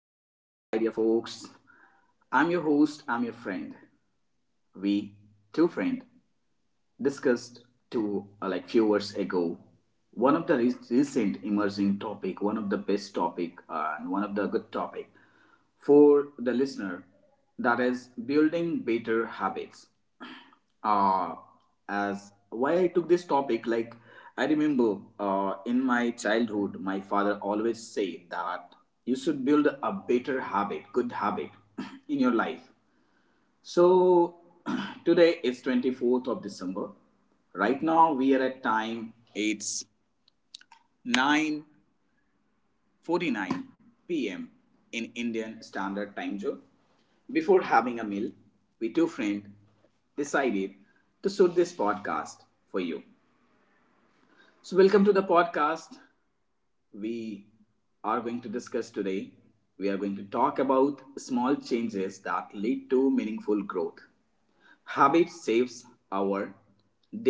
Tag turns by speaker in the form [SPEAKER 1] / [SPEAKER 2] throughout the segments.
[SPEAKER 1] folks. I'm your host, I'm your friend. We, two friend, discussed two like few years ago one of the recent emerging topic, one of the best topic, and one of the good topic for the listener, that is building better habits. uh, as why I took this topic, like I remember, in my childhood my father always said that you should build a better habit, good habit, in your life. So today is 24th of December. Right now we are at time, it's 9:49 p.m. in Indian Standard Time zone. Before having a meal, we two friends decided to shoot this podcast for you. So welcome to the podcast. We are going to discuss today. We are going to talk about small changes that lead to meaningful growth. Habit saves our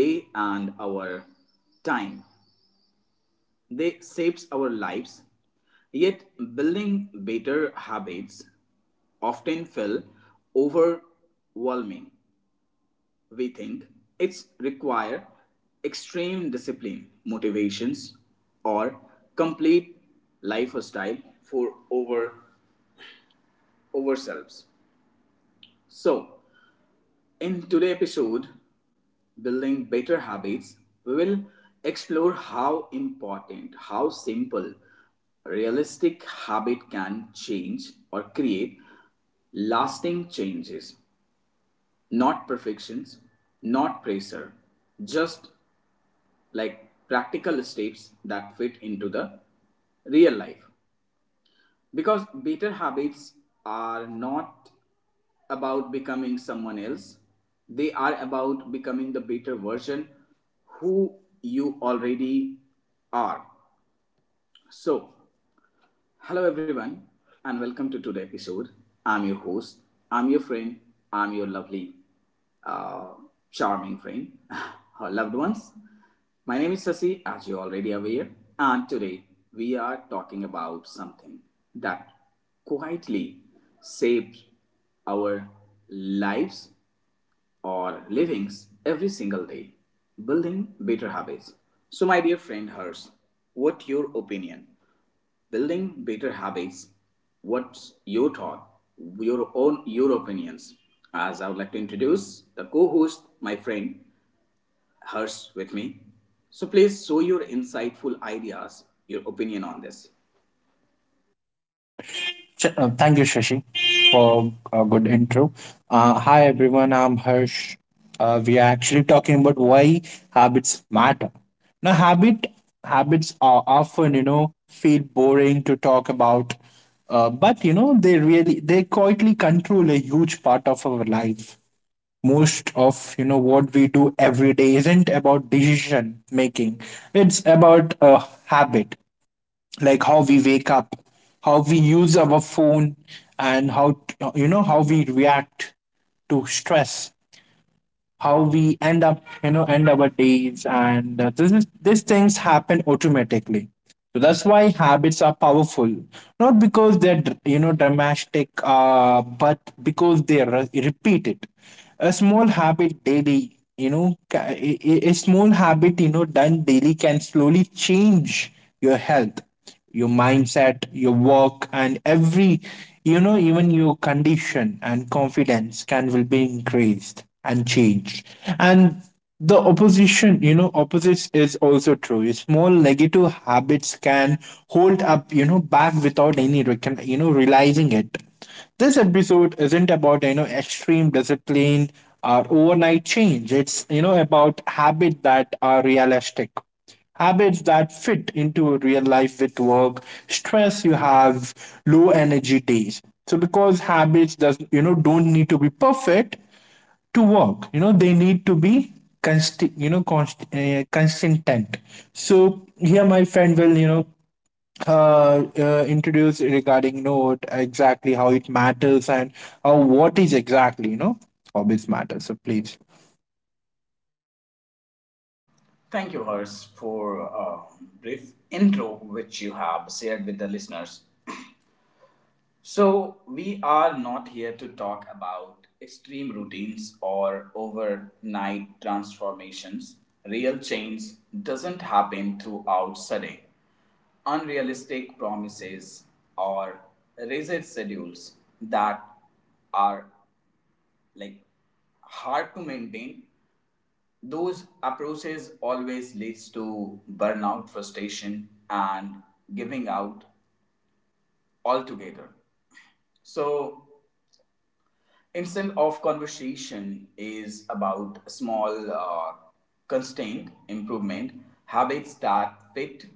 [SPEAKER 1] day and our time. They saves our lives. Yet building better habits often feel overwhelming. We think it's require extreme discipline, motivations, or complete lifestyle for over ourselves. So in today's episode, building better habits, we will explore how important, how simple, realistic habit can change or create lasting changes, not perfections, not pressure, just like practical steps that fit into the real life. Because better habits are not about becoming someone else, they are about becoming the better version who you already are. So, hello, everyone, and welcome to today's episode. I'm your host, I'm your friend, I'm your lovely, uh, charming friend, our loved ones. My name is Sasi, as you're already aware, and today we are talking about something that quietly shapes our lives or livings every single day, building better habits. So, my dear friend Hers, what your opinion? Building better habits. What's your thought? Your own your opinions. As I would like to introduce the co-host, my friend Harsh, with me. So please show your insightful ideas, your opinion on this.
[SPEAKER 2] Thank you, Shashi, for a good intro. Hi, everyone. I'm Harsh. We are actually talking about why habits matter. Now, habits are often, feel boring to talk about, but you know, they quietly control a huge part of our life. Most of you know what we do every day isn't about decision making; it's about a habit like how we wake up, how we use our phone, and how, you know, how we react to stress, how we end up, you know, end our days. And this is These things happen automatically, so that's why habits are powerful, not because they're, you know, dramatic, but because they are repeated. A small habit daily, you know, a small habit, you know, done daily can slowly change your health, your mindset, your work, and even your condition and confidence can will be increased and changed. And the opposition, you know, opposites is also true. Small negative habits can hold up, you know, back without any, you know, realizing it. This episode isn't about, you know, extreme discipline or overnight change. It's, you know, about habits that are realistic, habits that fit into real life with work, stress you have, low energy days. So because habits does you know don't need to be perfect to work. You know they need to be constant. You know consistent. So here my friend will, you know, introduced regarding note exactly how it matters and how what is exactly, you know, hobbies matter, so please.
[SPEAKER 1] Thank you, Hers, for a brief intro which you have shared with the listeners. So, we are not here to talk about extreme routines or overnight transformations. Real change doesn't happen throughout sudden, unrealistic promises or rigid schedules that are like hard to maintain. Those approaches always leads to burnout, frustration, and giving out altogether. So instant of conversation is about small, constant improvement habits that fit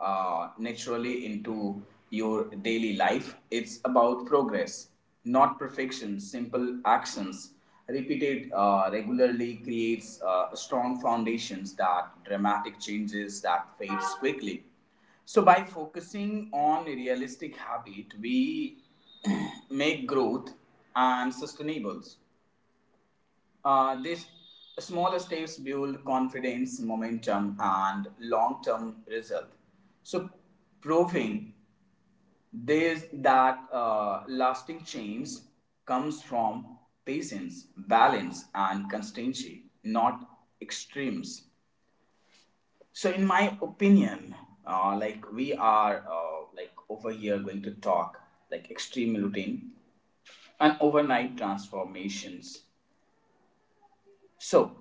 [SPEAKER 1] naturally into your daily life. It's about progress, not perfection. Simple actions repeated regularly creates strong foundations that dramatic changes that fades quickly. So, by focusing on realistic habit, we make growth and sustainable. These small steps build confidence, momentum, and long-term result. So, proving this that lasting change comes from patience, balance, and constancy, not extremes. So, in my opinion, like we are like over here going to talk like extreme routine and overnight transformations. So,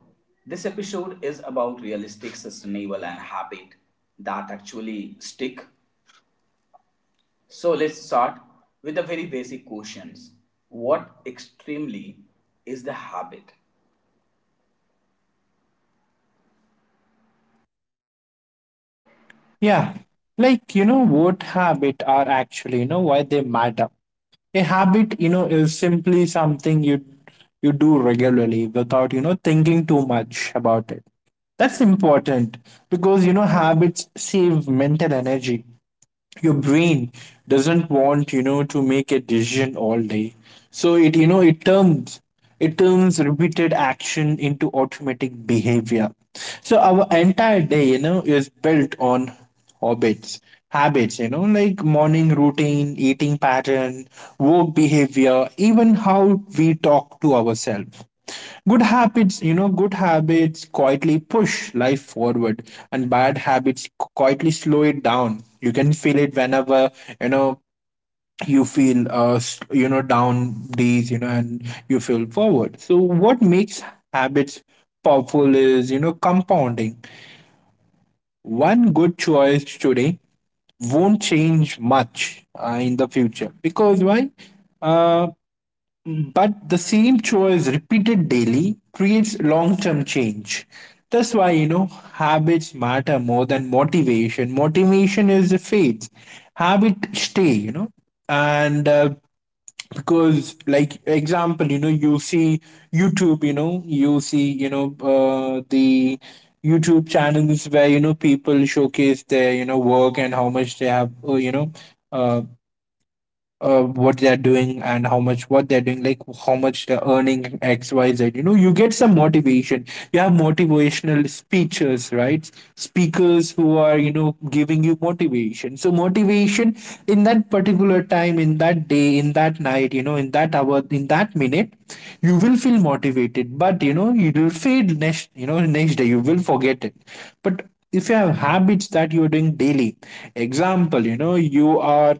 [SPEAKER 1] this episode is about realistic, sustainable, and habit that actually stick. So, let's start with the very basic questions. What extremely is the habit?
[SPEAKER 2] Yeah, like, you know, what habit are actually, you know, why they matter. A habit, you know, is simply something you do regularly without, you know, thinking too much about it. That's important because, you know, habits save mental energy. Your brain doesn't want, you know, to make a decision all day, so it you know it turns repeated action into automatic behavior. So our entire day, you know, is built on habits. Habits, you know, like morning routine, eating pattern, work behavior, even how we talk to ourselves. Good habits, you know, good habits quietly push life forward, and bad habits quietly slow it down. You can feel it whenever, you know, you feel, you know, down days, you know, and you feel forward. So, what makes habits powerful is, you know, compounding. One good choice today won't change much in the future, because why? Uh, but the same choice repeated daily creates long term change. That's why, you know, habits matter more than motivation. Motivation is a phase, habit stay, you know. And Because, like, example, you know, you see YouTube, you know, you see, you know, the YouTube channels where, you know, people showcase their, you know, work and how much they have, uh, what they're doing and how much what they're doing, like how much they're earning X, Y, Z. You know, you get some motivation. You have motivational speeches, right? Speakers who are, you know, giving you motivation. So motivation in that particular time, in that day, in that night, you know, in that hour, in that minute, you will feel motivated. But you know, it will fade next, you know, next day. You will forget it. But if you have habits that you are doing daily, example, you know, you are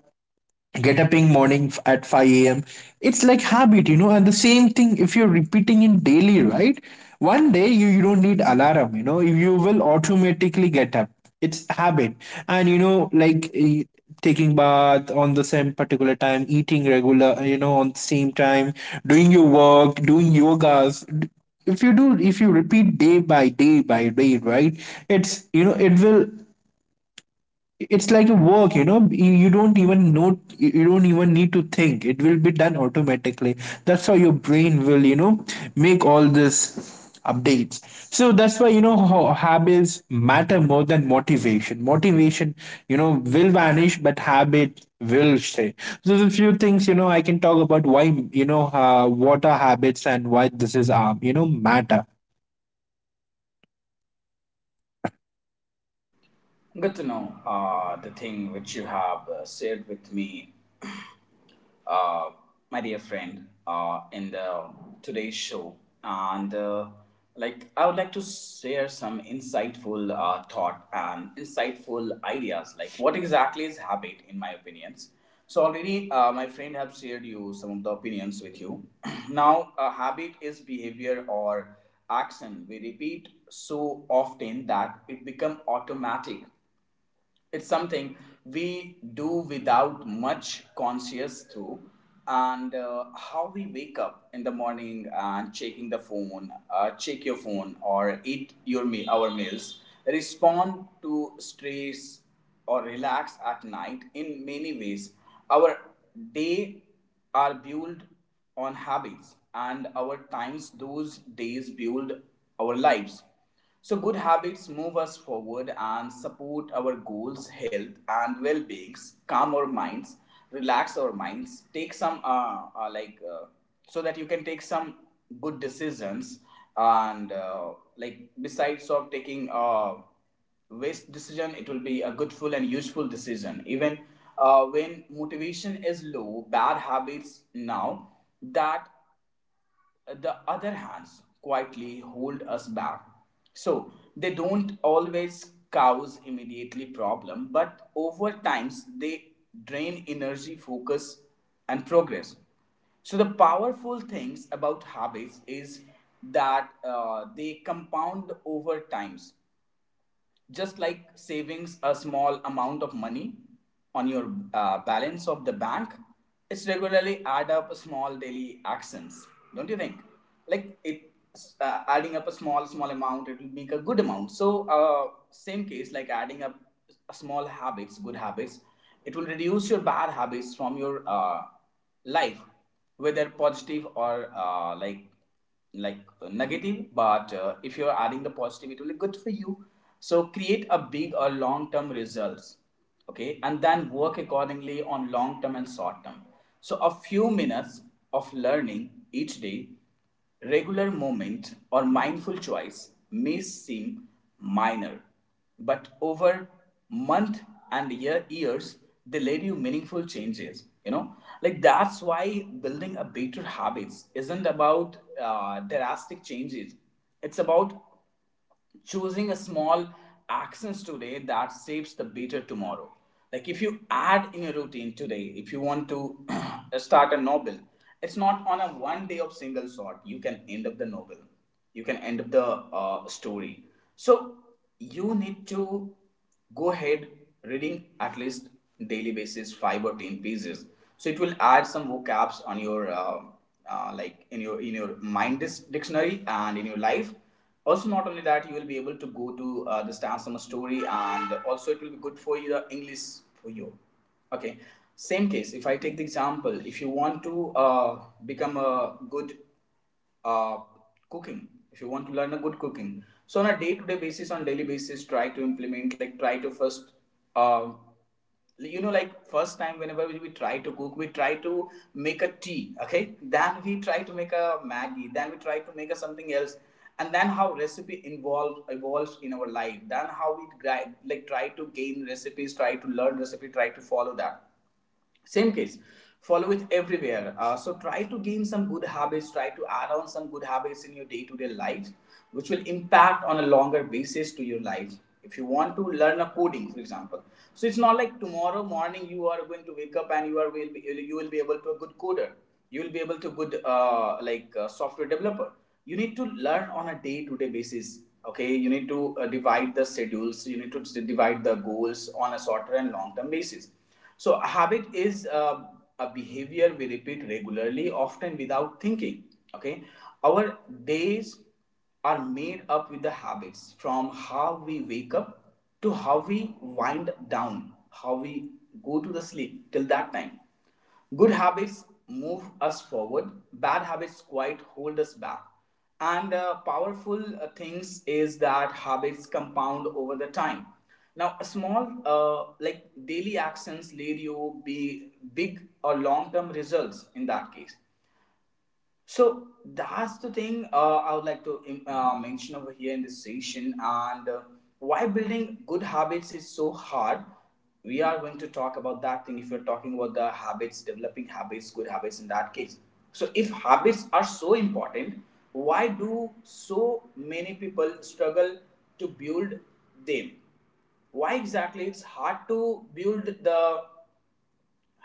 [SPEAKER 2] get up in morning at 5 a.m. It's like habit, you know, and the same thing if you're repeating in daily, right? One day you don't need alarm, you know, you will automatically get up. It's habit. And you know, like, taking bath on the same particular time, eating regular, you know, on the same time, doing your work, doing yogas. If you do, if you repeat day by day by day, right, it's, you know, it will, it's like a work, you know, you don't even know, you don't even need to think, it will be done automatically. That's how your brain will, you know, make all this updates. So that's why, you know, how habits matter more than motivation. Motivation, you know, will vanish but habit will stay. So there's a few things, you know, I can talk about why, you know, what are habits and why this is you know matter.
[SPEAKER 1] Good to know the thing which you have shared with me, uh, my dear friend, in the today's show, and like I would like to share some insightful thought and insightful ideas. Like what exactly is habit, in my opinions. So already, my friend have shared you some of the opinions with you. Now, a habit is behavior or action we repeat so often that it become automatic. It's something we do without much conscious through. And how we wake up in the morning and checking the phone, check your phone or eat your meal, our meals, respond to stress or relax at night. In many ways our day are built on habits, and our times, those days build our lives. So, good habits move us forward and support our goals, health, and well beings, calm our minds, relax our minds, take some, so that you can take some good decisions. And, like, besides of taking waste decision, it will be a goodful and useful decision. Even when motivation is low, bad habits now that the other hands quietly hold us back. So they don't always cause immediately problem, but over times they drain energy, focus, and progress. So the powerful things about habits is that they compound over times, just like savings a small amount of money on your balance of the bank. It's regularly add up small daily actions. Don't you think like it adding up a small small amount it will make a good amount. So same case like adding up small habits, good habits, it will reduce your bad habits from your life, whether positive or like negative. But if you're adding the positive it will be good for you. So create a big or long term results. Okay, and then work accordingly on long term and short term. So a few minutes of learning each day, regular moment or mindful choice, may seem minor, but over month and year, years, they led you meaningful changes, you know. Like that's why building a better habits isn't about drastic changes. It's about choosing a small actions today that shapes the better tomorrow. Like if you add in your routine today, if you want to start a novel, it's not on a one day of single shot you can end up the novel. You can end up the story. So you need to go ahead reading at least daily basis 5 or 10 pages, so it will add some vocabs on your like in your mind dictionary and in your life. Also not only that, you will be able to go to the stan summer story, and also it will be good for you, the english for you. Okay, same case if I take the example, if you want to become a good uh, cooking, if you want to learn a good cooking, so on a day-to-day basis, on daily basis, try to implement, like try to first uh, you know like first time, whenever we try to cook, we try to make a tea, okay, then we try to make a maggi. Then we try to make a something else. And then how recipe involves evolves in our life, then how we like try to gain recipes, try to learn recipe, try to follow that. Same case, follow it everywhere. So try to gain some good habits, try to add on some good habits in your day-to-day life, which will impact on a longer basis to your life. If you want to learn a coding, for example, so it's not like tomorrow morning you are going to wake up and you will be able to a good coder. You will be able to good software developer. You need to learn on a day-to-day basis, okay. You need to divide the schedules, you need to divide the goals on a shorter and long-term basis. So, a habit is a behavior we repeat regularly, often without thinking. Okay, our days are made up with the habits, from how we wake up to how we wind down, how we go to the sleep till that time. Good habits move us forward, bad habits quite hold us back. And powerful things is that habits compound over the time. Now, a small like daily actions lead you be big or long term results in that case. So that's the thing I would like to mention over here in this session, and why building good habits is so hard. We are going to talk about that thing, if you're talking about the habits, developing habits, good habits in that case. So, if habits are so important, why do so many people struggle to build them? Why exactly it's hard to build the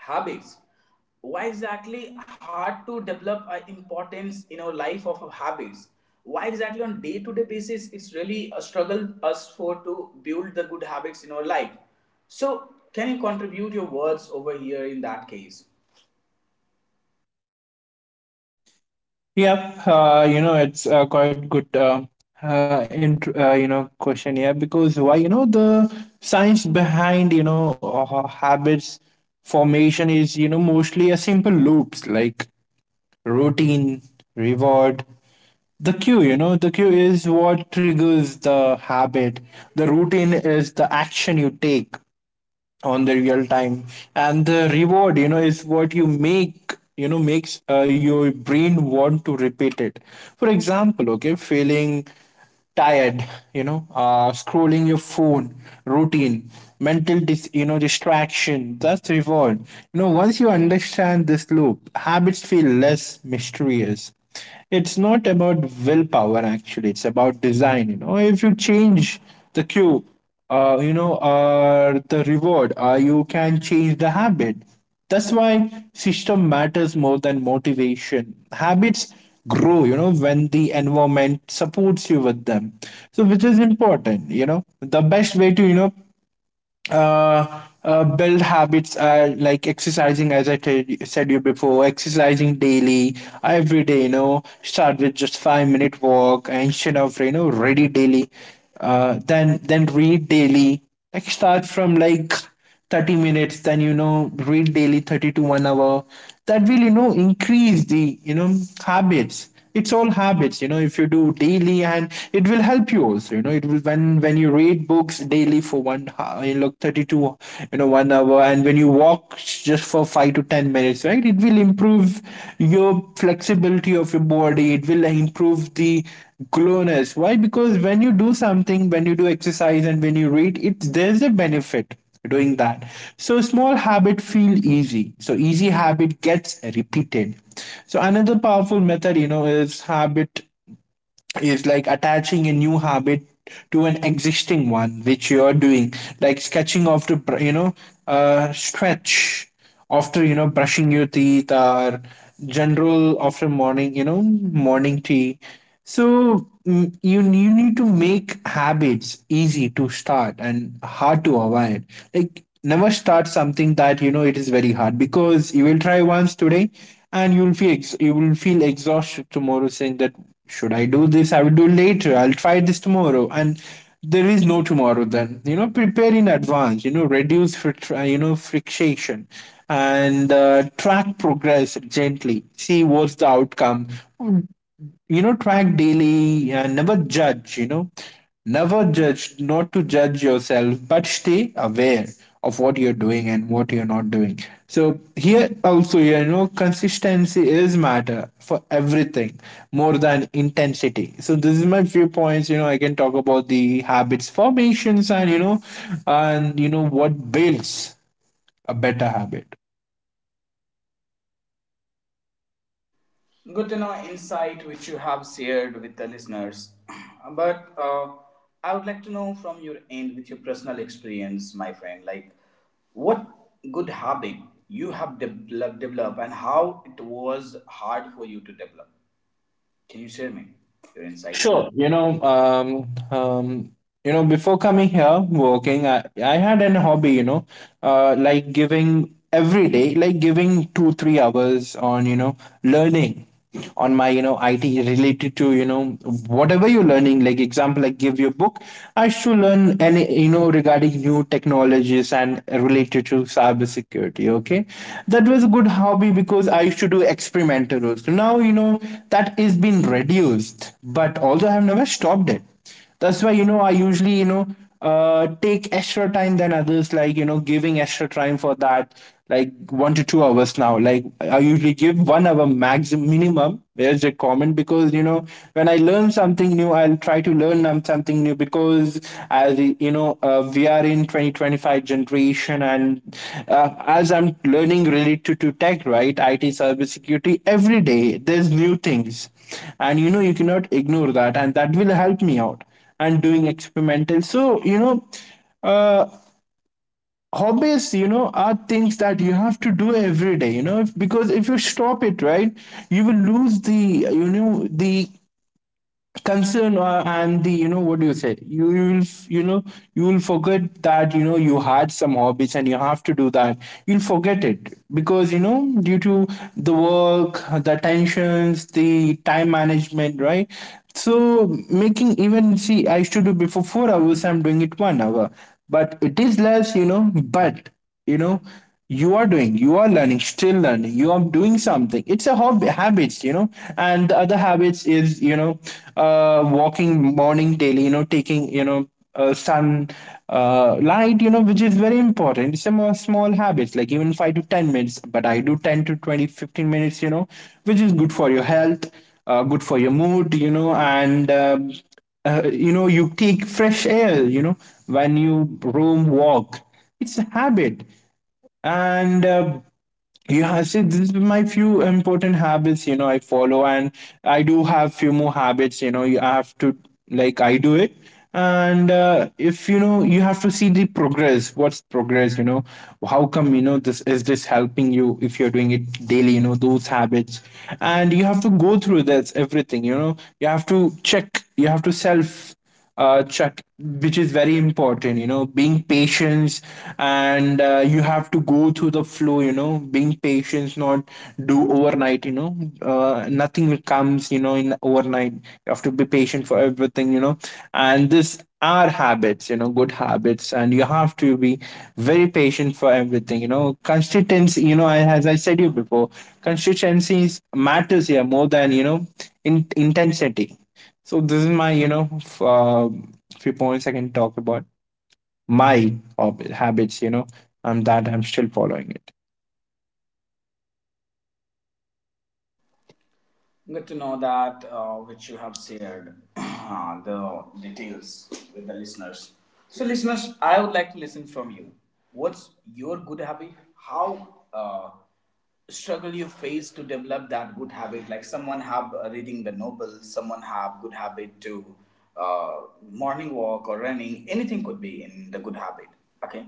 [SPEAKER 1] habits, why exactly hard to develop a importance in our life of habits, why exactly on day to day basis it's really a struggle us for to build the good habits in our life? So can you contribute your words over here in that case?
[SPEAKER 2] Yep, you know, it's quite good, you know, question here because why, you know, the science behind, you know, habits formation is, you know, mostly a simple loops like routine, reward. The cue, you know, the cue is what triggers the habit. The routine is the action you take on the real time, and the reward, you know, is what you make, you know, makes your brain want to repeat it. For example, okay, feeling tired, you know, scrolling your phone, routine, you know, distraction, that's reward. You know, once you understand this loop, habits feel less mysterious. It's not about willpower actually, it's about design. You know, if you change the cue, you know, or the reward, you can change the habit. That's why system matters more than motivation. Habits grow, you know, when the environment supports you with them. So which is important, you know, the best way to, you know, uh, build habits, like exercising, as I said you before, exercising daily every day, you know, start with just 5 minute walk instead of, you know, ready daily. Then read daily, like start from like 30 minutes, then you know read daily 30 to 1 hour. That will, you know, increase the, you know, habits. It's all habits, you know, if you do daily, and it will help you also, you know, it will, when you read books daily for you know 32, you know, 1 hour, and when you walk just for 5 to 10 minutes, right, it will improve your flexibility of your body, it will improve the glowness. Why? Because when you do something, when you do exercise and when you read it, there's a benefit doing that. So small habit feel easy, so easy habit gets repeated. So another powerful method, you know, is habit is like attaching a new habit to an existing one which you are doing, like you know, stretch after, you know, brushing your teeth or general after morning, you know, morning tea. So you need to make habits easy to start and hard to avoid. Like never start something that you know it is very hard, because you will try once today and you will feel exhausted tomorrow, saying that should I do this? I will do it later. I'll try this tomorrow. And there is no tomorrow then. You know, prepare in advance, you know, reduce, you know, friction, and track progress gently. See what's the outcome. You know, track daily and never judge, you know, never judge, not to judge yourself, but stay aware of what you're doing and what you're not doing. So here also, you know, consistency is matter for everything more than intensity. So this is my few points. You know, I can talk about the habits formations, and you know what builds a better habit.
[SPEAKER 1] Good to know insight which you have shared with the listeners. But I would like to know from your end, with your personal experience, my friend, like what good habit you have developed and how it was hard for you to develop. Can you share me your insightful?
[SPEAKER 2] Sure. Um, you know, before coming here working, I had an hobby, you know, like giving every day, like giving two, 3 hours on, you know, learning on my, you know, IT related to, you know, whatever you're learning. Like example, like give your book. I should learn any, you know, regarding new technologies and related to cybersecurity. Okay, that was a good hobby because I used to do experimental roles. So now you know that is been reduced, but although I have never stopped it. That's why you know I usually you know take extra time than others, like you know giving extra time for that, like 1 to 2 hours now. Like I usually give 1 hour maximum minimum. There's a common because when I learn something new I'll try to learn something new, because as you know, we are in 2025 generation. And as I'm learning related to tech, right, it cybersecurity, every day there's new things. And you cannot ignore that, and that will help me out and doing experimental. Uh, Hobbies are things that you have to do every day, you know if, because if you stop it, right, you will lose the the concern and the what do you say, you will you know you will forget that you had some hobbies and you have to do that. You'll forget it because due to the work, the tensions, the time management, right. So making, even see, I used to do before 4 hours, I'm doing it 1 hour, but it is less. But you know you are doing, you are learning, still learning, you are doing something. It's a hobby habits. And the other habits is walking morning daily, taking sun light, which is very important. It's a more small habits, like even 5 to 10 minutes, but I do 10 to 20, 15 minutes, which is good for your health, good for your mood, and you take fresh air when you roam walk. It's a habit. And yeah, see, this is my few important habits I follow. And I do have few more habits. You have to, like, I do it. And if you have to see the progress, what's progress, how come, this is this helping you if you're doing it daily, those habits. And you have to go through this everything, you have to check, you have to self check, which is very important, being patient. And you have to go through the flow, being patient, not do overnight. Nothing comes in overnight. You have to be patient for everything. And this are habits, good habits. And you have to be very patient for everything. Consistency, as I said you before, consistency matters here more than in intensity. So this is my few points I can talk about my habits. That I'm still following it.
[SPEAKER 1] Good to know that, which you have shared the details with the listeners. So, listeners, I would like to listen from you. What's your good habit? How struggle you face to develop that good habit? Like someone have reading the novels, someone have good habit to uh, morning walk or running. Anything could be in the good habit. Okay,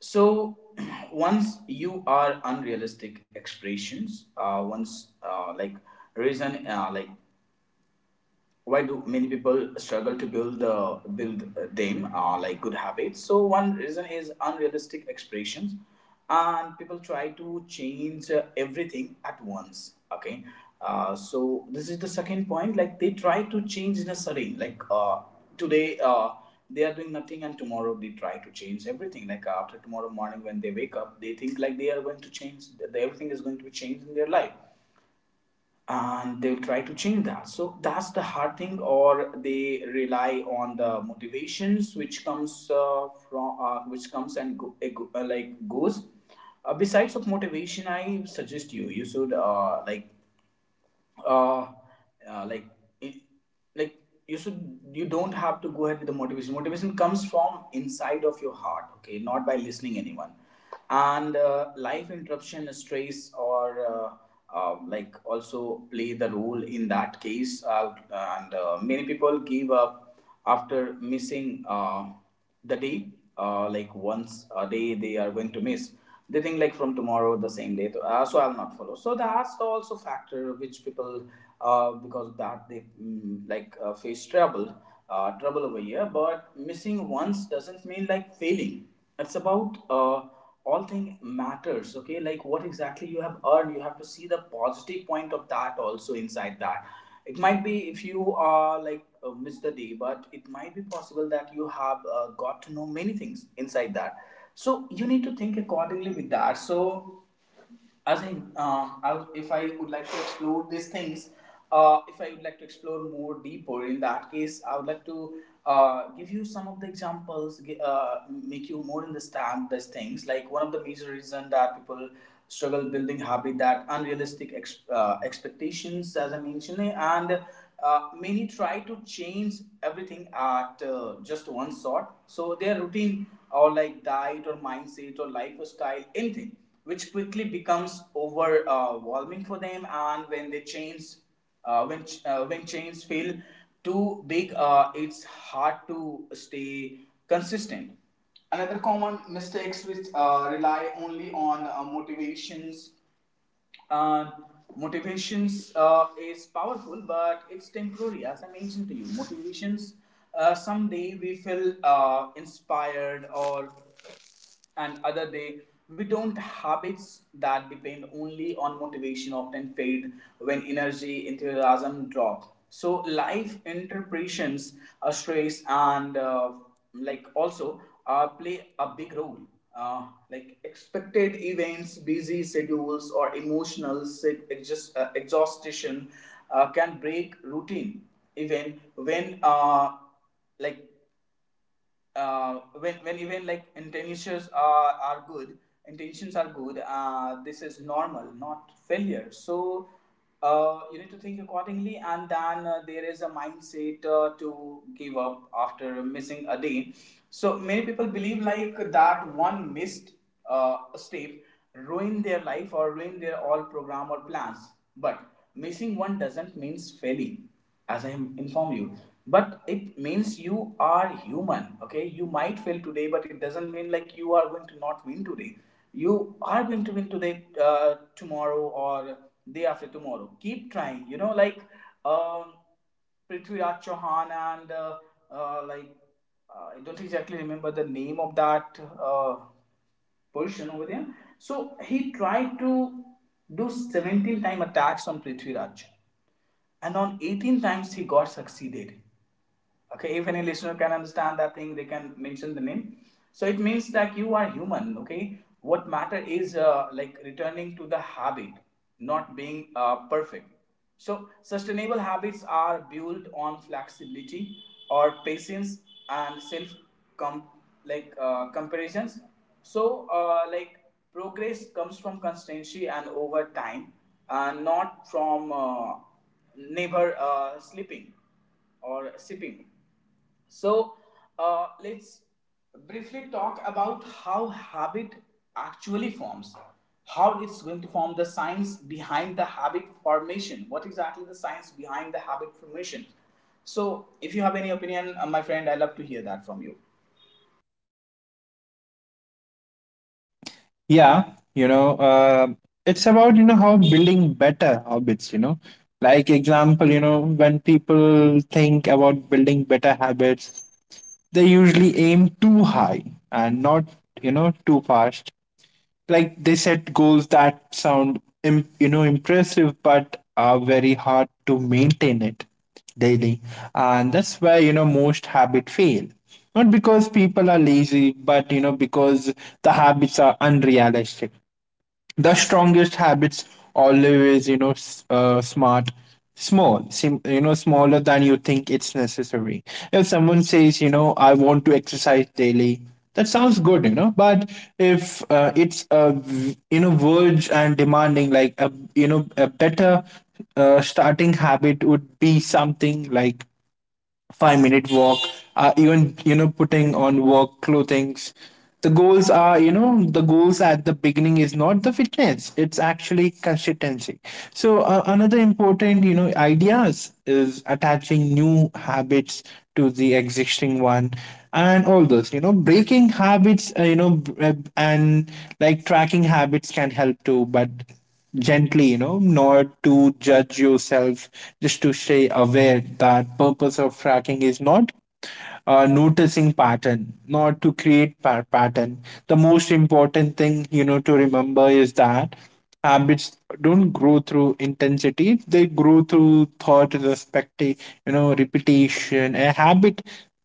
[SPEAKER 1] so once you are unrealistic expressions once like reason like why do many people struggle to build the build them like good habits? So one reason is unrealistic expectations, and people try to change everything at once. Okay, so this is the second point, like they try to change in a sudden, like today they are doing nothing and tomorrow they try to change everything, like after tomorrow morning when they wake up they think like they are going to change that, everything is going to be changed in their life, and they'll try to change that. So that's the hard thing, or they rely on the motivations which comes from which comes and go, eh, like goes. Besides of motivation, I suggest you should, uh, like it, like you should, you don't have to go ahead with the motivation. Motivation comes from inside of your heart, okay, not by listening anyone. And life interruption, stress or uh, also play the role in that case. And many people give up after missing the day, like once a day they are going to miss, they think like from tomorrow the same day, so I'll not follow. So that's the also factor which people, because of that they face trouble over here. But missing once doesn't mean like failing. It's about, all thing matters. Okay, like what exactly you have earned, you have to see the positive point of that also inside that. It might be if you are like miss the day, but it might be possible that you have got to know many things inside that. So you need to think accordingly with that. So I think, if I would like to explore these things, if I would like to explore more deeper, in that case, I would like to give you some of the examples, make you more understand these things. Like, one of the major reason that people struggle building habit, that unrealistic expectations, as I mentioned, and many try to change everything at just one shot. So their routine or like diet or mindset or lifestyle, anything, which quickly becomes overwhelming for them. And when the chains, when ch- when chains feel too big, it's hard to stay consistent. Another common mistakes, which rely only on motivations. Uh, Motivations is powerful, but it's temporary. As I mentioned to you, motivations. Someday we feel inspired, or and other day we don't. Habits that depend only on motivation often fade when energy, enthusiasm drop. So life interpretations, stress and like also play a big role. uh, like expected events, busy schedules or emotional exhaustion can break routine, even like when even like intentions are good. Intentions are good, this is normal, not failure. So you need to think accordingly. And then there is a mindset to give up after missing a day. So many people believe like that one missed step ruin their life, or ruin their all program or plans. But missing one doesn't means failing, as I inform you. But it means you are human, okay? You might fail today, but it doesn't mean like you are going to not win today. You are going to win today, tomorrow, or day after tomorrow. Keep trying, you know, like um, Prithviraj Chauhan and, uh, like I don't exactly remember the name of that person over there. So he tried to do 17 time attacks on Prithviraj, and on 18 times he got succeeded. Okay, if any listener can understand that thing, they can mention the name. So it means that you are human. Okay, what matter is, like returning to the habit, not being perfect. So sustainable habits are built on flexibility or patience and self com- comparisons. So like progress comes from constancy and over time, and not from never sleeping or sipping. So let's briefly talk about how habit actually forms, how it's going to form, the science behind the habit formation. What exactly the science behind the habit formation? So if you have any opinion, my friend, I love to hear that from you.
[SPEAKER 2] Yeah, you know, uh, it's about how building better habits. Like example, when people think about building better habits, they usually aim too high and not too fast, like they set goals that sound impressive but are very hard to maintain it daily. And that's where most habit fail, not because people are lazy, but because the habits are unrealistic. The strongest habits always smart, small, smaller than you think it's necessary. If someone says I want to exercise daily, that sounds good, but if it's a verge and demanding, like a you know a better starting habit would be something like 5 minute walk, even putting on work clothing. The goals are, the goals at the beginning is not the fitness; it's actually consistency. So another important ideas is attaching new habits to the existing one. And all those breaking habits, and like tracking habits can help too, but gently, not to judge yourself, just to stay aware that purpose of tracking is not noticing pattern, not to create pattern. The most important thing to remember is that habits don't grow through intensity, they grow through thought respect, repetition. A habit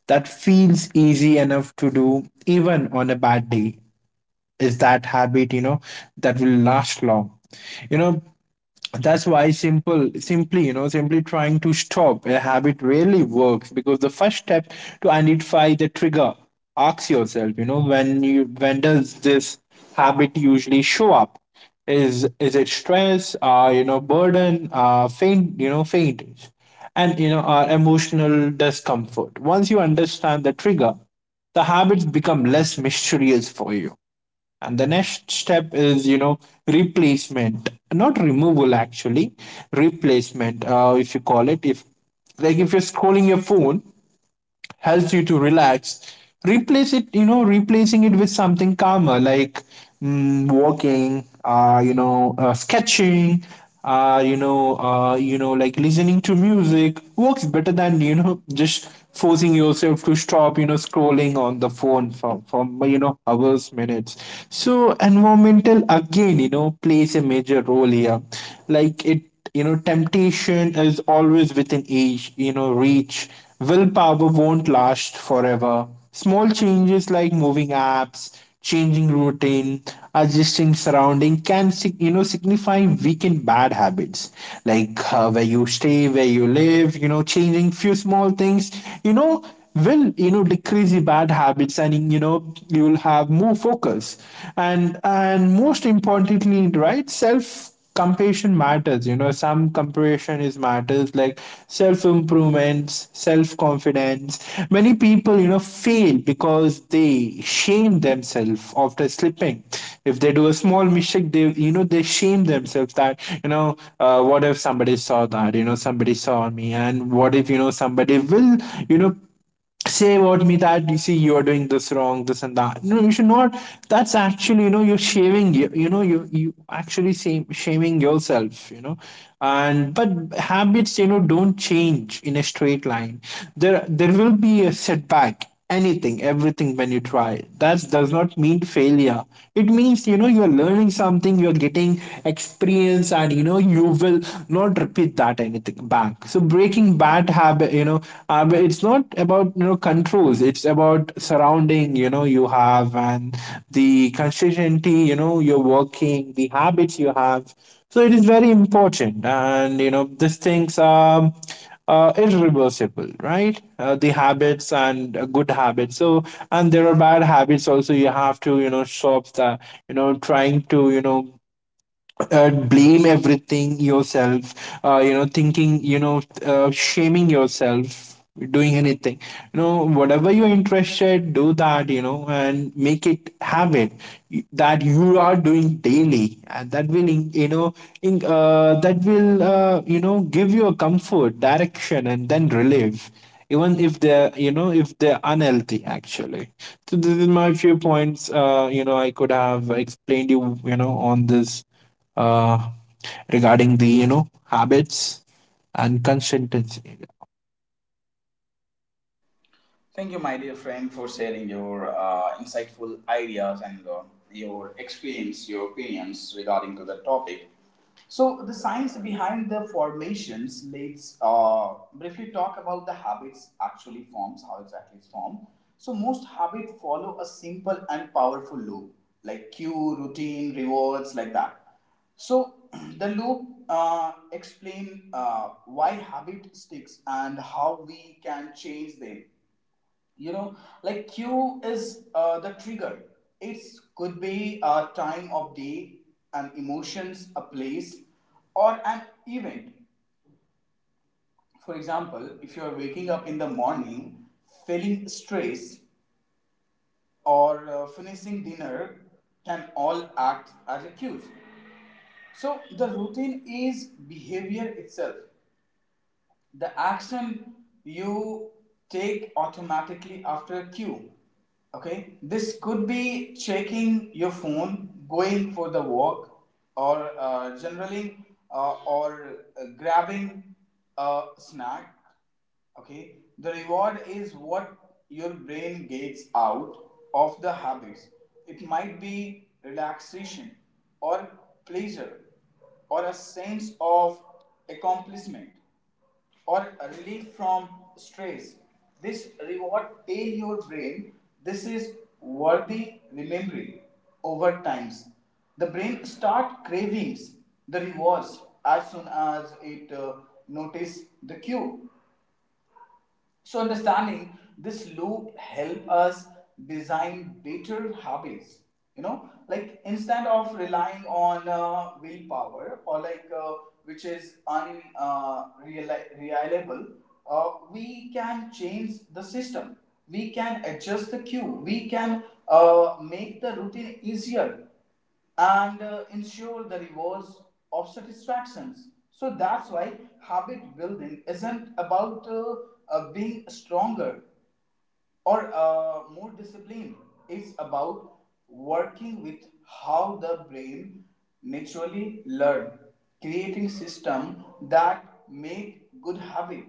[SPEAKER 2] that feels easy enough to do even on a bad day is that habit that will last long you know that's why simple simply you know simply trying to stop a habit really works, because the first step to identify the trigger, ask yourself, when does this habit usually show up? Is it stress, burden, faint, and emotional discomfort? Once you understand the trigger, the habits become less mysterious for you. And the next step is, replacement, not removal actually, replacement, if you call it. If, like, if you're scrolling your phone, helps you to relax, replace it you know replacing it with something calmer, like walking, sketching, like listening to music works better than just forcing yourself to stop scrolling on the phone for hours minutes. So environmental again plays a major role here, like it you know temptation is always within age reach. Willpower won't last forever. Small changes like moving apps, changing routine, adjusting surrounding can signify weakened bad habits, like where you stay, where you live, changing few small things you know will decrease the bad habits, and you will have more focus. And most importantly, right, self comparison matters. Some comparison is matters, like self improvements, self confidence. Many people fail because they shame themselves after slipping. If they do a small mistake, they shame themselves, that what if somebody saw that, somebody saw me, and what if somebody will you know say about me, that you see, you are doing this wrong this and that. No, you should not. That's actually, you're shaming you, you know you you actually shaming yourself. You know and but habits don't change in a straight line. There will be a setback. Anything everything when you try, that does not mean failure. It means you're learning something, you're getting experience, and you will not repeat that anything back. So breaking bad habit, it's not about controls, it's about surrounding you have, and the consistency you're working the habits you have. So it is very important, and these things are irreversible, right? The habits and good habits. So, and there are bad habits also. You have to, stop the, trying to, blame everything yourself, thinking, shaming yourself, doing anything. Whatever you're interested, do that, and make it habit that you are doing daily, and that will, you know in, that will you know give you a comfort direction and then relief, even if they're, if they're unhealthy actually. So this is my few points I could have explained you you know on this, uh, regarding the habits and consistency.
[SPEAKER 1] Thank you, my dear friend, for sharing your insightful ideas and your experience, your opinions regarding to the topic. So the science behind the formations. Let's briefly talk about the habits actually forms, how exactly it's formed. So most habits follow a simple and powerful loop, like cue, routine, rewards, like that. So the loop explain why habit sticks and how we can change them, you know, like q is the trigger. It could be a time of day, an emotions, a place, or an event. For example, if you are waking up in the morning, feeling stress, or finishing dinner, can all act as a cues. So the routine is behavior itself, the action you take automatically after a cue. Okay, this could be checking your phone, going for the walk, or grabbing a snack. Okay, the reward is what your brain gets out of the habits. It might be relaxation, or pleasure, or a sense of accomplishment, or relief from stress. This reward tell your brain this is worthy remembering over times. The brain start cravings the rewards as soon as it notice the cue. So understanding this loop help us design better habits. You know, like instead of relying on willpower, or which is unreliable, reliable, we can change the system. We can adjust the cue. We can make the routine easier and ensure the rewards of satisfactions. So that's why habit building isn't about being stronger or more disciplined. It's about working with how the brain naturally learn, creating system that make good habit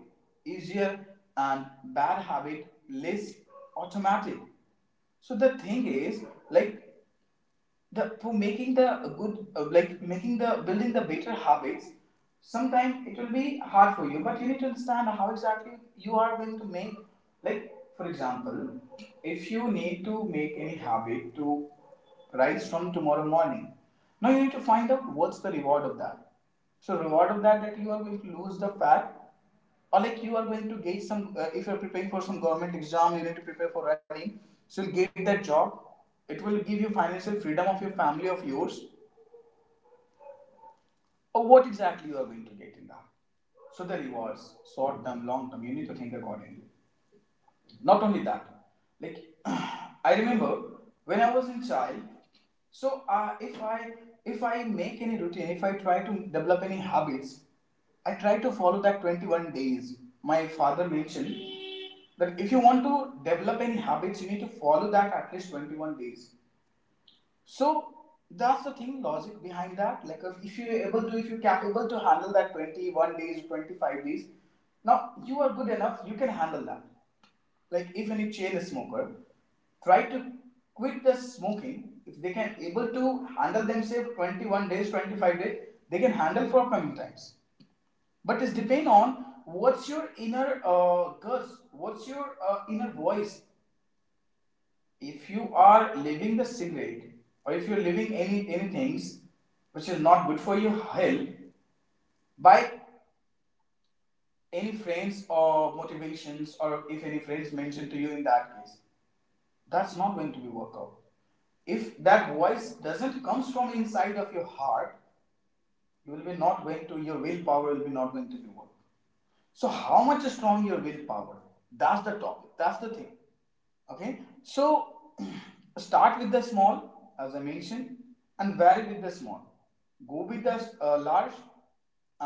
[SPEAKER 1] easier and bad habit less automatic. So the thing is, like, the for making the good, like making the building the better habits, sometimes it will be hard for you, but you need to understand how exactly you are going to make. Like, for example, if you need to make any habit to rise from tomorrow morning, now you need to find out what's the reward of that. So reward of that, that you are going to lose the fat, or like you are going to get some, if you're preparing for some government exam, you need to prepare for running. So you'll get that job, it will give you financial freedom of your family, of yours, or what exactly you are going to get in that. So the rewards, short term, long term, you need to think accordingly. Not only that, like, I remember when I was in child. So if I, if I make any routine, if I try to develop any habits, I try to follow that 21 days. My father mentioned that if you want to develop any habits, you need to follow that at least 21 days. So that's the thing, logic behind that, like if you're able to, if you're capable to handle that 21 days, 25 days, now you are good enough, you can handle that. Like if any chain smoker try to quit the smoking, if they can able to handle themselves 21 days, 25 days, they can handle for coming times. But it's depend on what's your inner guts, what's your inner voice. If you are living the cigarette, or if you're living any things which is not good for your health, by any friends or motivations, or if any friends mention to you, in that case, that's not going to be work out. If that voice doesn't comes from inside of your heart, you will be not going to, your willpower will be not going to be work. So how much strong your willpower, that's the topic, that's the thing. Okay, so start with the small, as I mentioned, and vary with the small, go with the large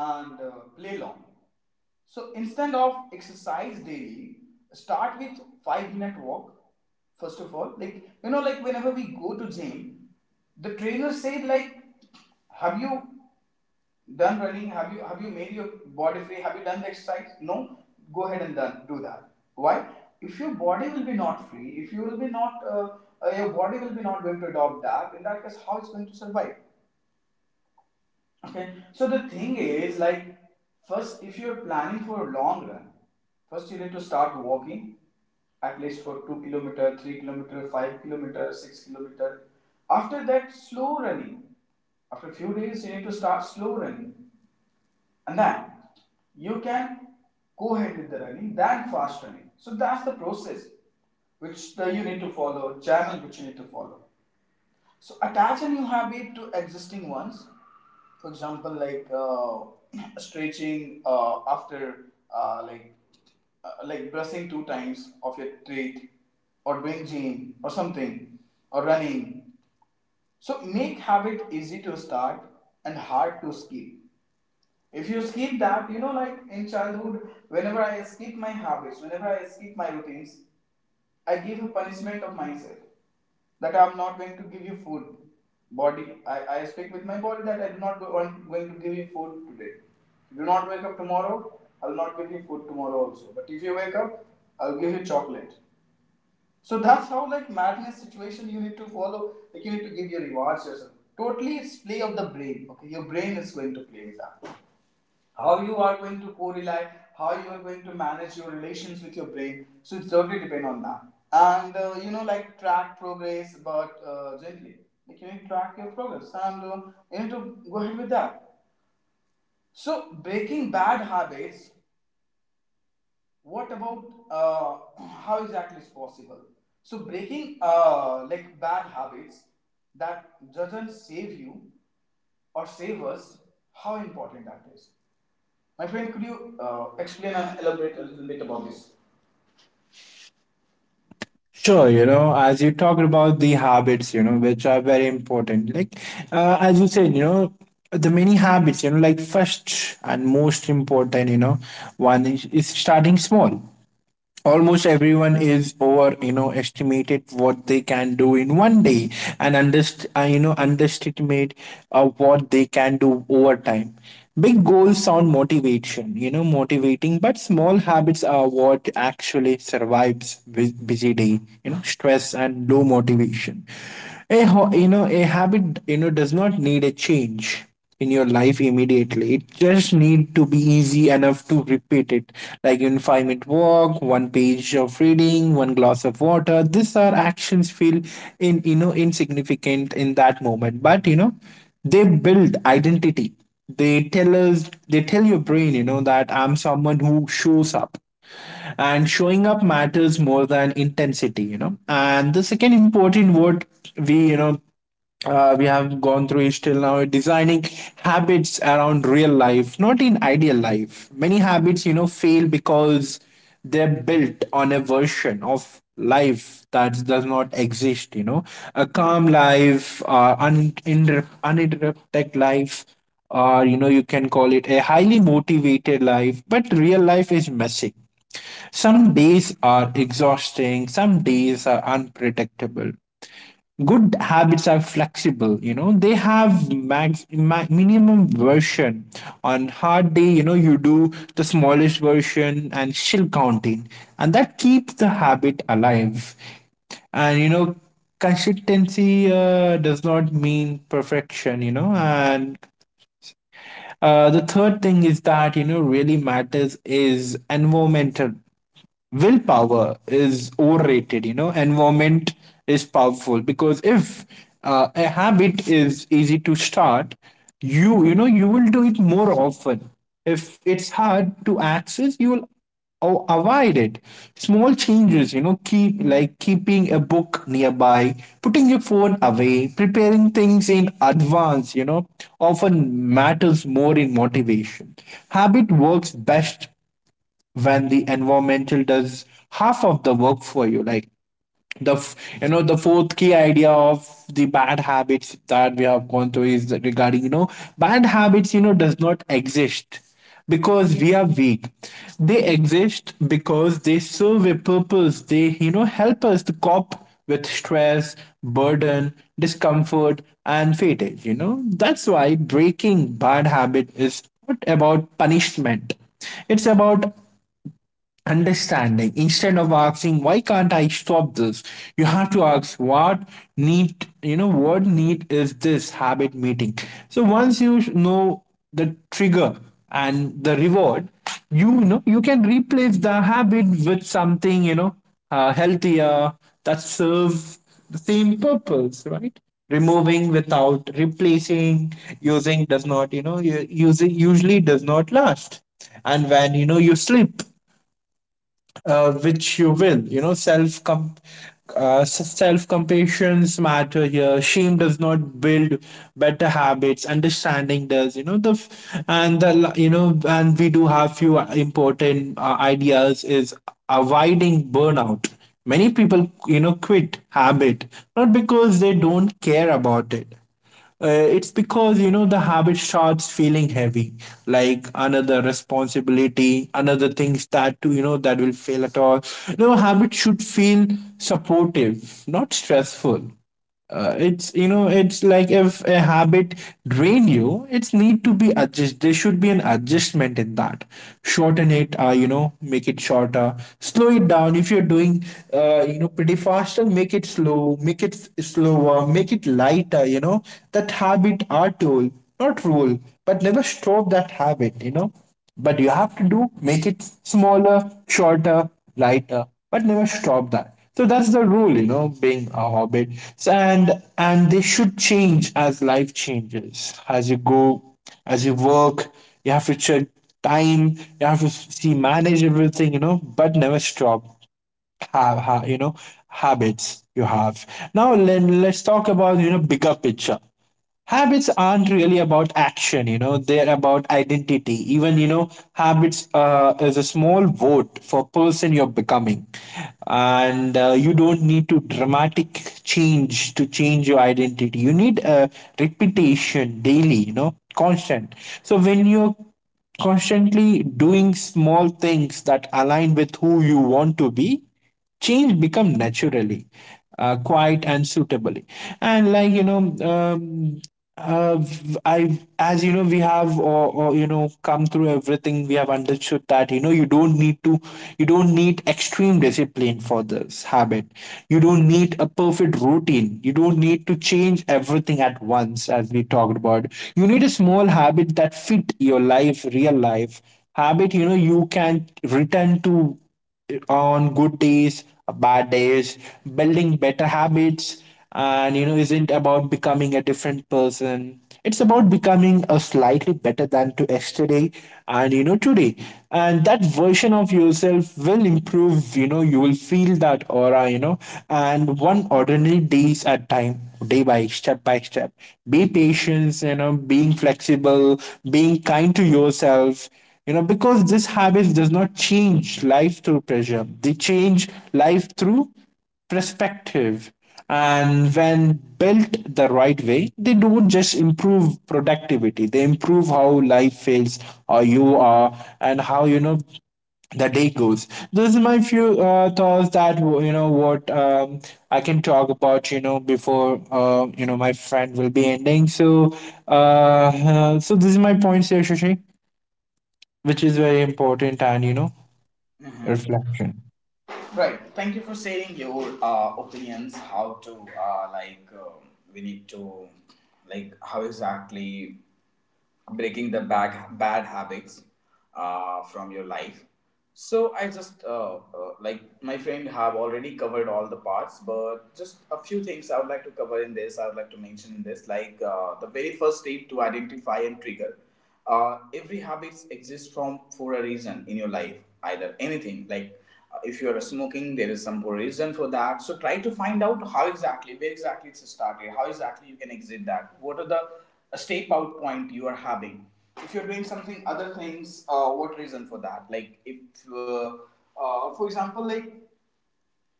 [SPEAKER 1] and play long. So instead of exercise daily, start with 5-minute walk. First of all, like, you know, like whenever we go to gym, the trainer said like, have you done running? Have you made your body free? Have you done the exercise? No, go ahead and done, do that. Why? If your body will be not free, if you will be not, your body will be not going to adopt that. In that case, how it's going to survive? Okay. So the thing is, like, first, if you're planning for a long run, first you need to start walking at least for 2 kilometer, 3 kilometer, 5 kilometer, 6 kilometer. After that, slow running. After a few days, you need to start slow running, and then you can go ahead with the running, then fast running. So that's the process you need to follow, channel which you need to follow. So attach a new habit to existing ones, for example, like stretching after uh, like like brushing 2 times of your teeth or doing gym or something or running. So make habit easy to start and hard to skip. If you skip that, you know, like in childhood, whenever I skip my habits, whenever I skip my routines, I give a punishment of myself that I'm not going to give you food. Body, I speak with my body that I do not go, I'm going to give you food today. If you do not wake up tomorrow, I'll not give you food tomorrow also. But if you wake up, I'll give you chocolate. So that's how, like, madness situation you need to follow. Like, you need to give your rewards yourself. Totally it's play of the brain. Okay, your brain is going to play with that, how you are going to co-rely, how you are going to manage your relations with your brain. So it's totally depend on that. And you know, like, track progress, but gently. Like, you need to track your progress, and you need to go ahead with that. So breaking bad habits. What about uh, how exactly is possible? So breaking like bad habits that doesn't save you or save us. How important that is. My friend, could you explain and elaborate a little bit about this?
[SPEAKER 2] Sure, as you talked about the habits, which are very important. Like, as you said, the many habits, like first and most important, one is starting small. Almost everyone is over estimated what they can do in one day, and underestimate what they can do over time. Big goals sound motivation you know motivating, but small habits are what actually survives busy day, stress and low motivation. A habit does not need a change in your life immediately. It just need to be easy enough to repeat it. Like in 5 minute walk, one page of reading, one glass of water. These are actions feel in you know insignificant in that moment. But they build identity. They tell your brain, that I'm someone who shows up, and showing up matters more than intensity. And the second important word we you know we have gone through is till now designing habits around real life, not in ideal life. Many habits fail because they're built on a version of life that does not exist, a calm life, uninterrupted life, or you can call it a highly motivated life. But real life is messy. Some days are exhausting, some days are unpredictable. Good habits are flexible, they have minimum version. On hard day, you do the smallest version and still counting, and that keeps the habit alive. And consistency does not mean perfection. And the third thing is that really matters is environmental. Willpower is overrated. Environment is powerful, because if a habit is easy to start, you will do it more often. If it's hard to access, you will avoid it. Small changes, keep like keeping a book nearby, putting your phone away, preparing things in advance, often matters more in motivation. Habit works best when the environmental does half of the work for you. Like the f- you know The fourth key idea of the bad habits that we have gone through is that regarding bad habits, does not exist because we are weak. They exist because they serve a purpose. They help us to cope with stress, burden, discomfort and fatigue you know that's why breaking bad habit is not about punishment, it's about understanding. Instead of asking, why can't I stop this, you have to ask, what need is this habit meeting? So once you know the trigger and the reward, you can replace the habit with something healthier, that serves the same purpose, right? Removing without replacing, using does not you know using usually does not last. And when you sleep, which you will. Self compassions matter here. Shame does not build better habits. Understanding does. And we do have few important ideas: is avoiding burnout. Many people quit habit, not because they don't care about it, uh, it's because the habit starts feeling heavy, like another responsibility, another things that you know that will fail at all. No habit should feel supportive, not stressful. It's you know it's like if a habit drain you, it's need to be adjust. There should be an adjustment in that. Shorten it, make it shorter. Slow it down. If you're doing, pretty faster, make it slow low, make it slower, make it lighter. That habit are tool, not rule, but never stop that habit. But you have to do make it smaller, shorter, lighter, but never stop that. So that's the rule, being a hobbit. So, and they should change as life changes. As you go, as you work, you have to check time, you have to see manage everything, but never stop have, ha you know habits you have. Now let's talk about bigger picture. Habits aren't really about action. They're about identity. Even habits is a small vote for person you're becoming. And you don't need to dramatic change to change your identity. You need a repetition daily, constant. So when you're constantly doing small things that align with who you want to be, change become naturally, quiet and suitably. And like you know um, uh, I, as we have come through everything. We have understood that you don't need extreme discipline for this habit. You don't need a perfect routine. You don't need to change everything at once, as we talked about. You need a small habit that fit your life, real life habit. You can return to on good days, bad days, building better habits, isn't about becoming a different person. It's about becoming a slightly better than to yesterday and today. And that version of yourself will improve, you will feel that aura, and one ordinary days at time, day by step by step. Be patient, being flexible, being kind to yourself, because this habit does not change life through pressure, they change life through perspective. And when built the right way, they don't just improve productivity, they improve how life feels, or you are, and how the day goes. This is my few thoughts that you know what I can talk about before my friend will be ending. So uh, this is my points here, Shashi, which is very important, and
[SPEAKER 1] Hmm.
[SPEAKER 2] reflection.
[SPEAKER 1] Right. Thank you for sharing your opinions. How to uh, like um we need to, like, how exactly breaking the bad habits from your life. So I just like my friend have already covered all the parts, but just a few things I would like to cover in this. I would like to mention in this, like, the very first step to identify and trigger. Every habits exists from for a reason in your life, either anything like if you are smoking, there is some reason for that. So try to find out how exactly, where exactly it's started, how exactly you can exit that. What are the step out point you are having? If you're doing something other things, what reason for that? Like if, uh, for example, like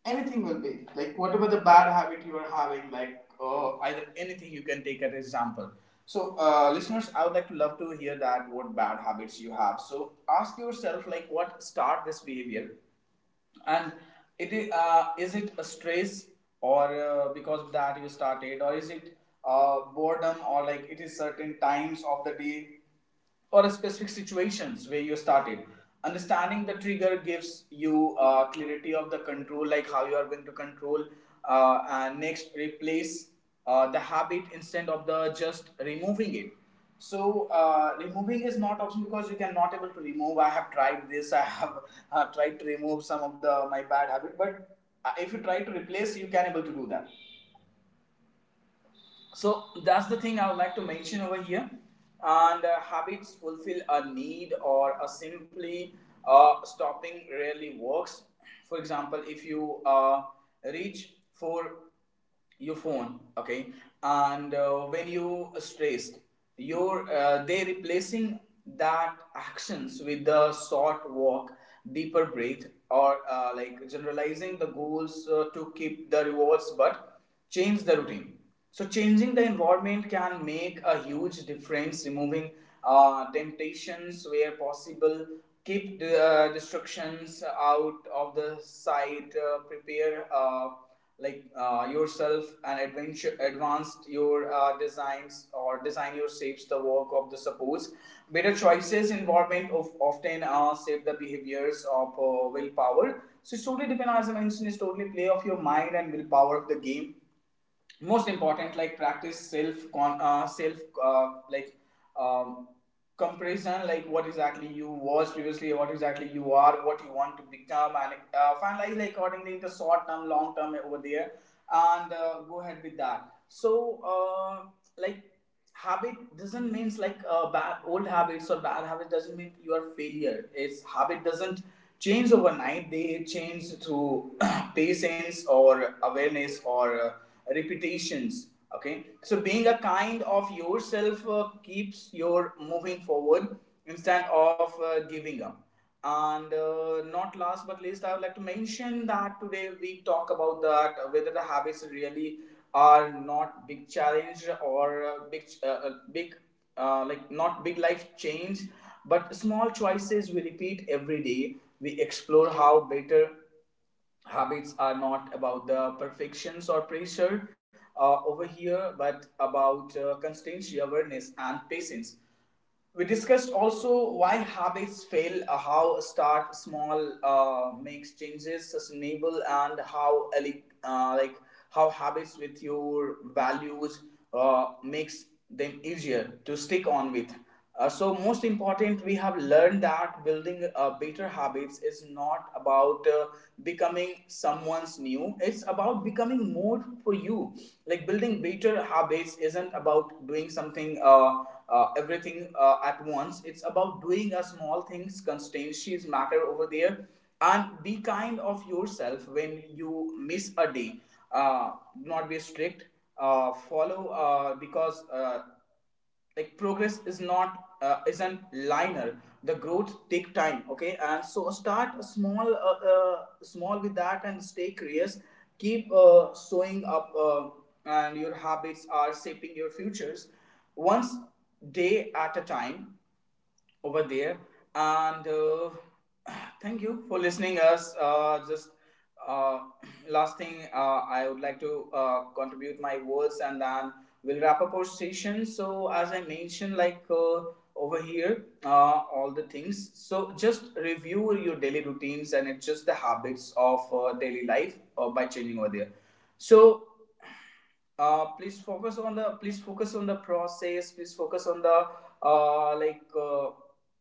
[SPEAKER 1] anything will be like whatever the bad habit you are having, like, either anything you can take an example. So, listeners, I would like to love to hear that what bad habits you have. So, ask yourself like what start this behavior and it is it a stress or because of that you started, or is it boredom, or like it is certain times of the day or a specific situations where you started. Understanding the trigger gives you clarity of the control, like how you are going to control. And next, replace the habit instead of the just removing it. So removing is not option, because you cannot able to remove. I have tried this. I have tried to remove some of the my bad habit, but if you try to replace, you can able to do that. So that's the thing I would like to mention over here. And habits fulfill a need, or a simply stopping rarely works. For example, if you reach for your phone, okay, and when you are stressed, your they replacing that actions with the short walk, deeper breath, or like generalizing the goals to keep the rewards, but change the routine. So changing the environment can make a huge difference. Removing temptations where possible, keep the distractions out of the sight, prepare yourself, and adventure, advanced your designs or design your shapes the work of the supports. Better choices, environment of often shape the behaviors of willpower. So it's totally depend, as I mentioned, it's totally play of your mind and willpower of the game. Most important, like practice self con, self uh, like um, comparison, like what exactly you was previously, what exactly you are, what you want to become, and finalize like accordingly into short term, long term over there, and go ahead with that. So like habit doesn't means like bad old habits or bad habits doesn't mean you are failure. It's habit doesn't change overnight. They change through patience or awareness or repetitions. Okay, so being a kind of yourself keeps your moving forward instead of giving up. And not last but least, I would like to mention that today we talk about that whether the habits really are not big challenge, or big like not big life change, but small choices we repeat every day. We explore how better habits are not about the perfections or pressure over here, but about constancy, awareness, and patience. We discussed also why habits fail, how start small makes changes sustainable, and like how habits with your values makes them easier to stick on with. So most important, we have learned that building better habits is not about becoming someone's new. It's about becoming more for you. Like building better habits isn't about doing something. Everything at once. It's about doing a small things, constancies matter over there. And be kind of yourself when you miss a day. Uh, Not be strict. Follow because like progress is not isn't linear. The growth take time, okay, and so start small small with that and stay curious. Keep showing up, and your habits are shaping your futures, once day at a time over there. And thank you for listening us, just uh, last thing, I would like to contribute my words, and then we'll wrap up our session. So as I mentioned, like, over here, all the things. So just review your daily routines and adjust the habits of daily life by changing over there. So please focus on the, please focus on the process, please focus on the uh, like uh,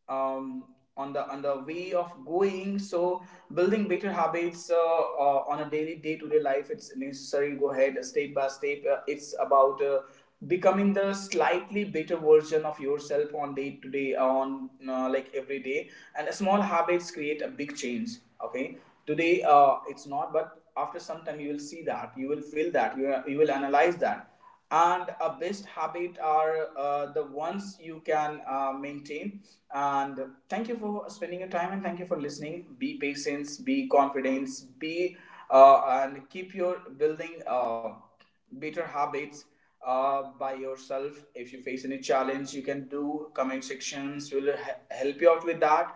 [SPEAKER 1] um, on the, on the way of going. So building better habits, on a daily day to day life, it's necessary. Go ahead step by step. It's about becoming the slightly better version of yourself on day to day, on like every day. And small habits create a big change. Okay, today it's not, but after some time you will see, that you will feel, that you will analyze that. And a best habit are the ones you can maintain. And thank you for spending your time, and thank you for listening. Be patient, be confident, be and keep your building better habits by yourself. If you face any challenge, you can do. Comment sections will help you out with that.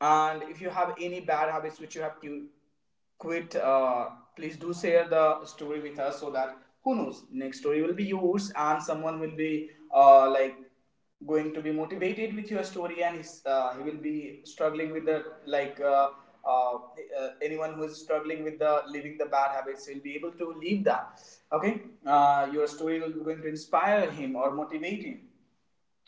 [SPEAKER 1] And if you have any bad habits which you have quit, please do share the story with us, so that who knows, next story will be yours, and someone will be uh, like going to be motivated with your story, and he will be struggling with the anyone who is struggling with the leaving the bad habits will be able to leave that. Okay, your story will be going to inspire him or motivate him.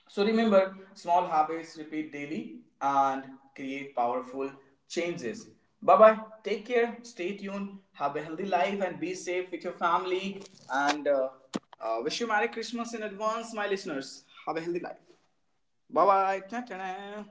[SPEAKER 1] So remember, small habits repeat daily and create powerful changes. Bye bye. Take care. Stay tuned. Have a healthy life and be safe with your family. And wish you Merry Christmas in advance, my listeners. Have a healthy life. Bye bye. Ta-ta.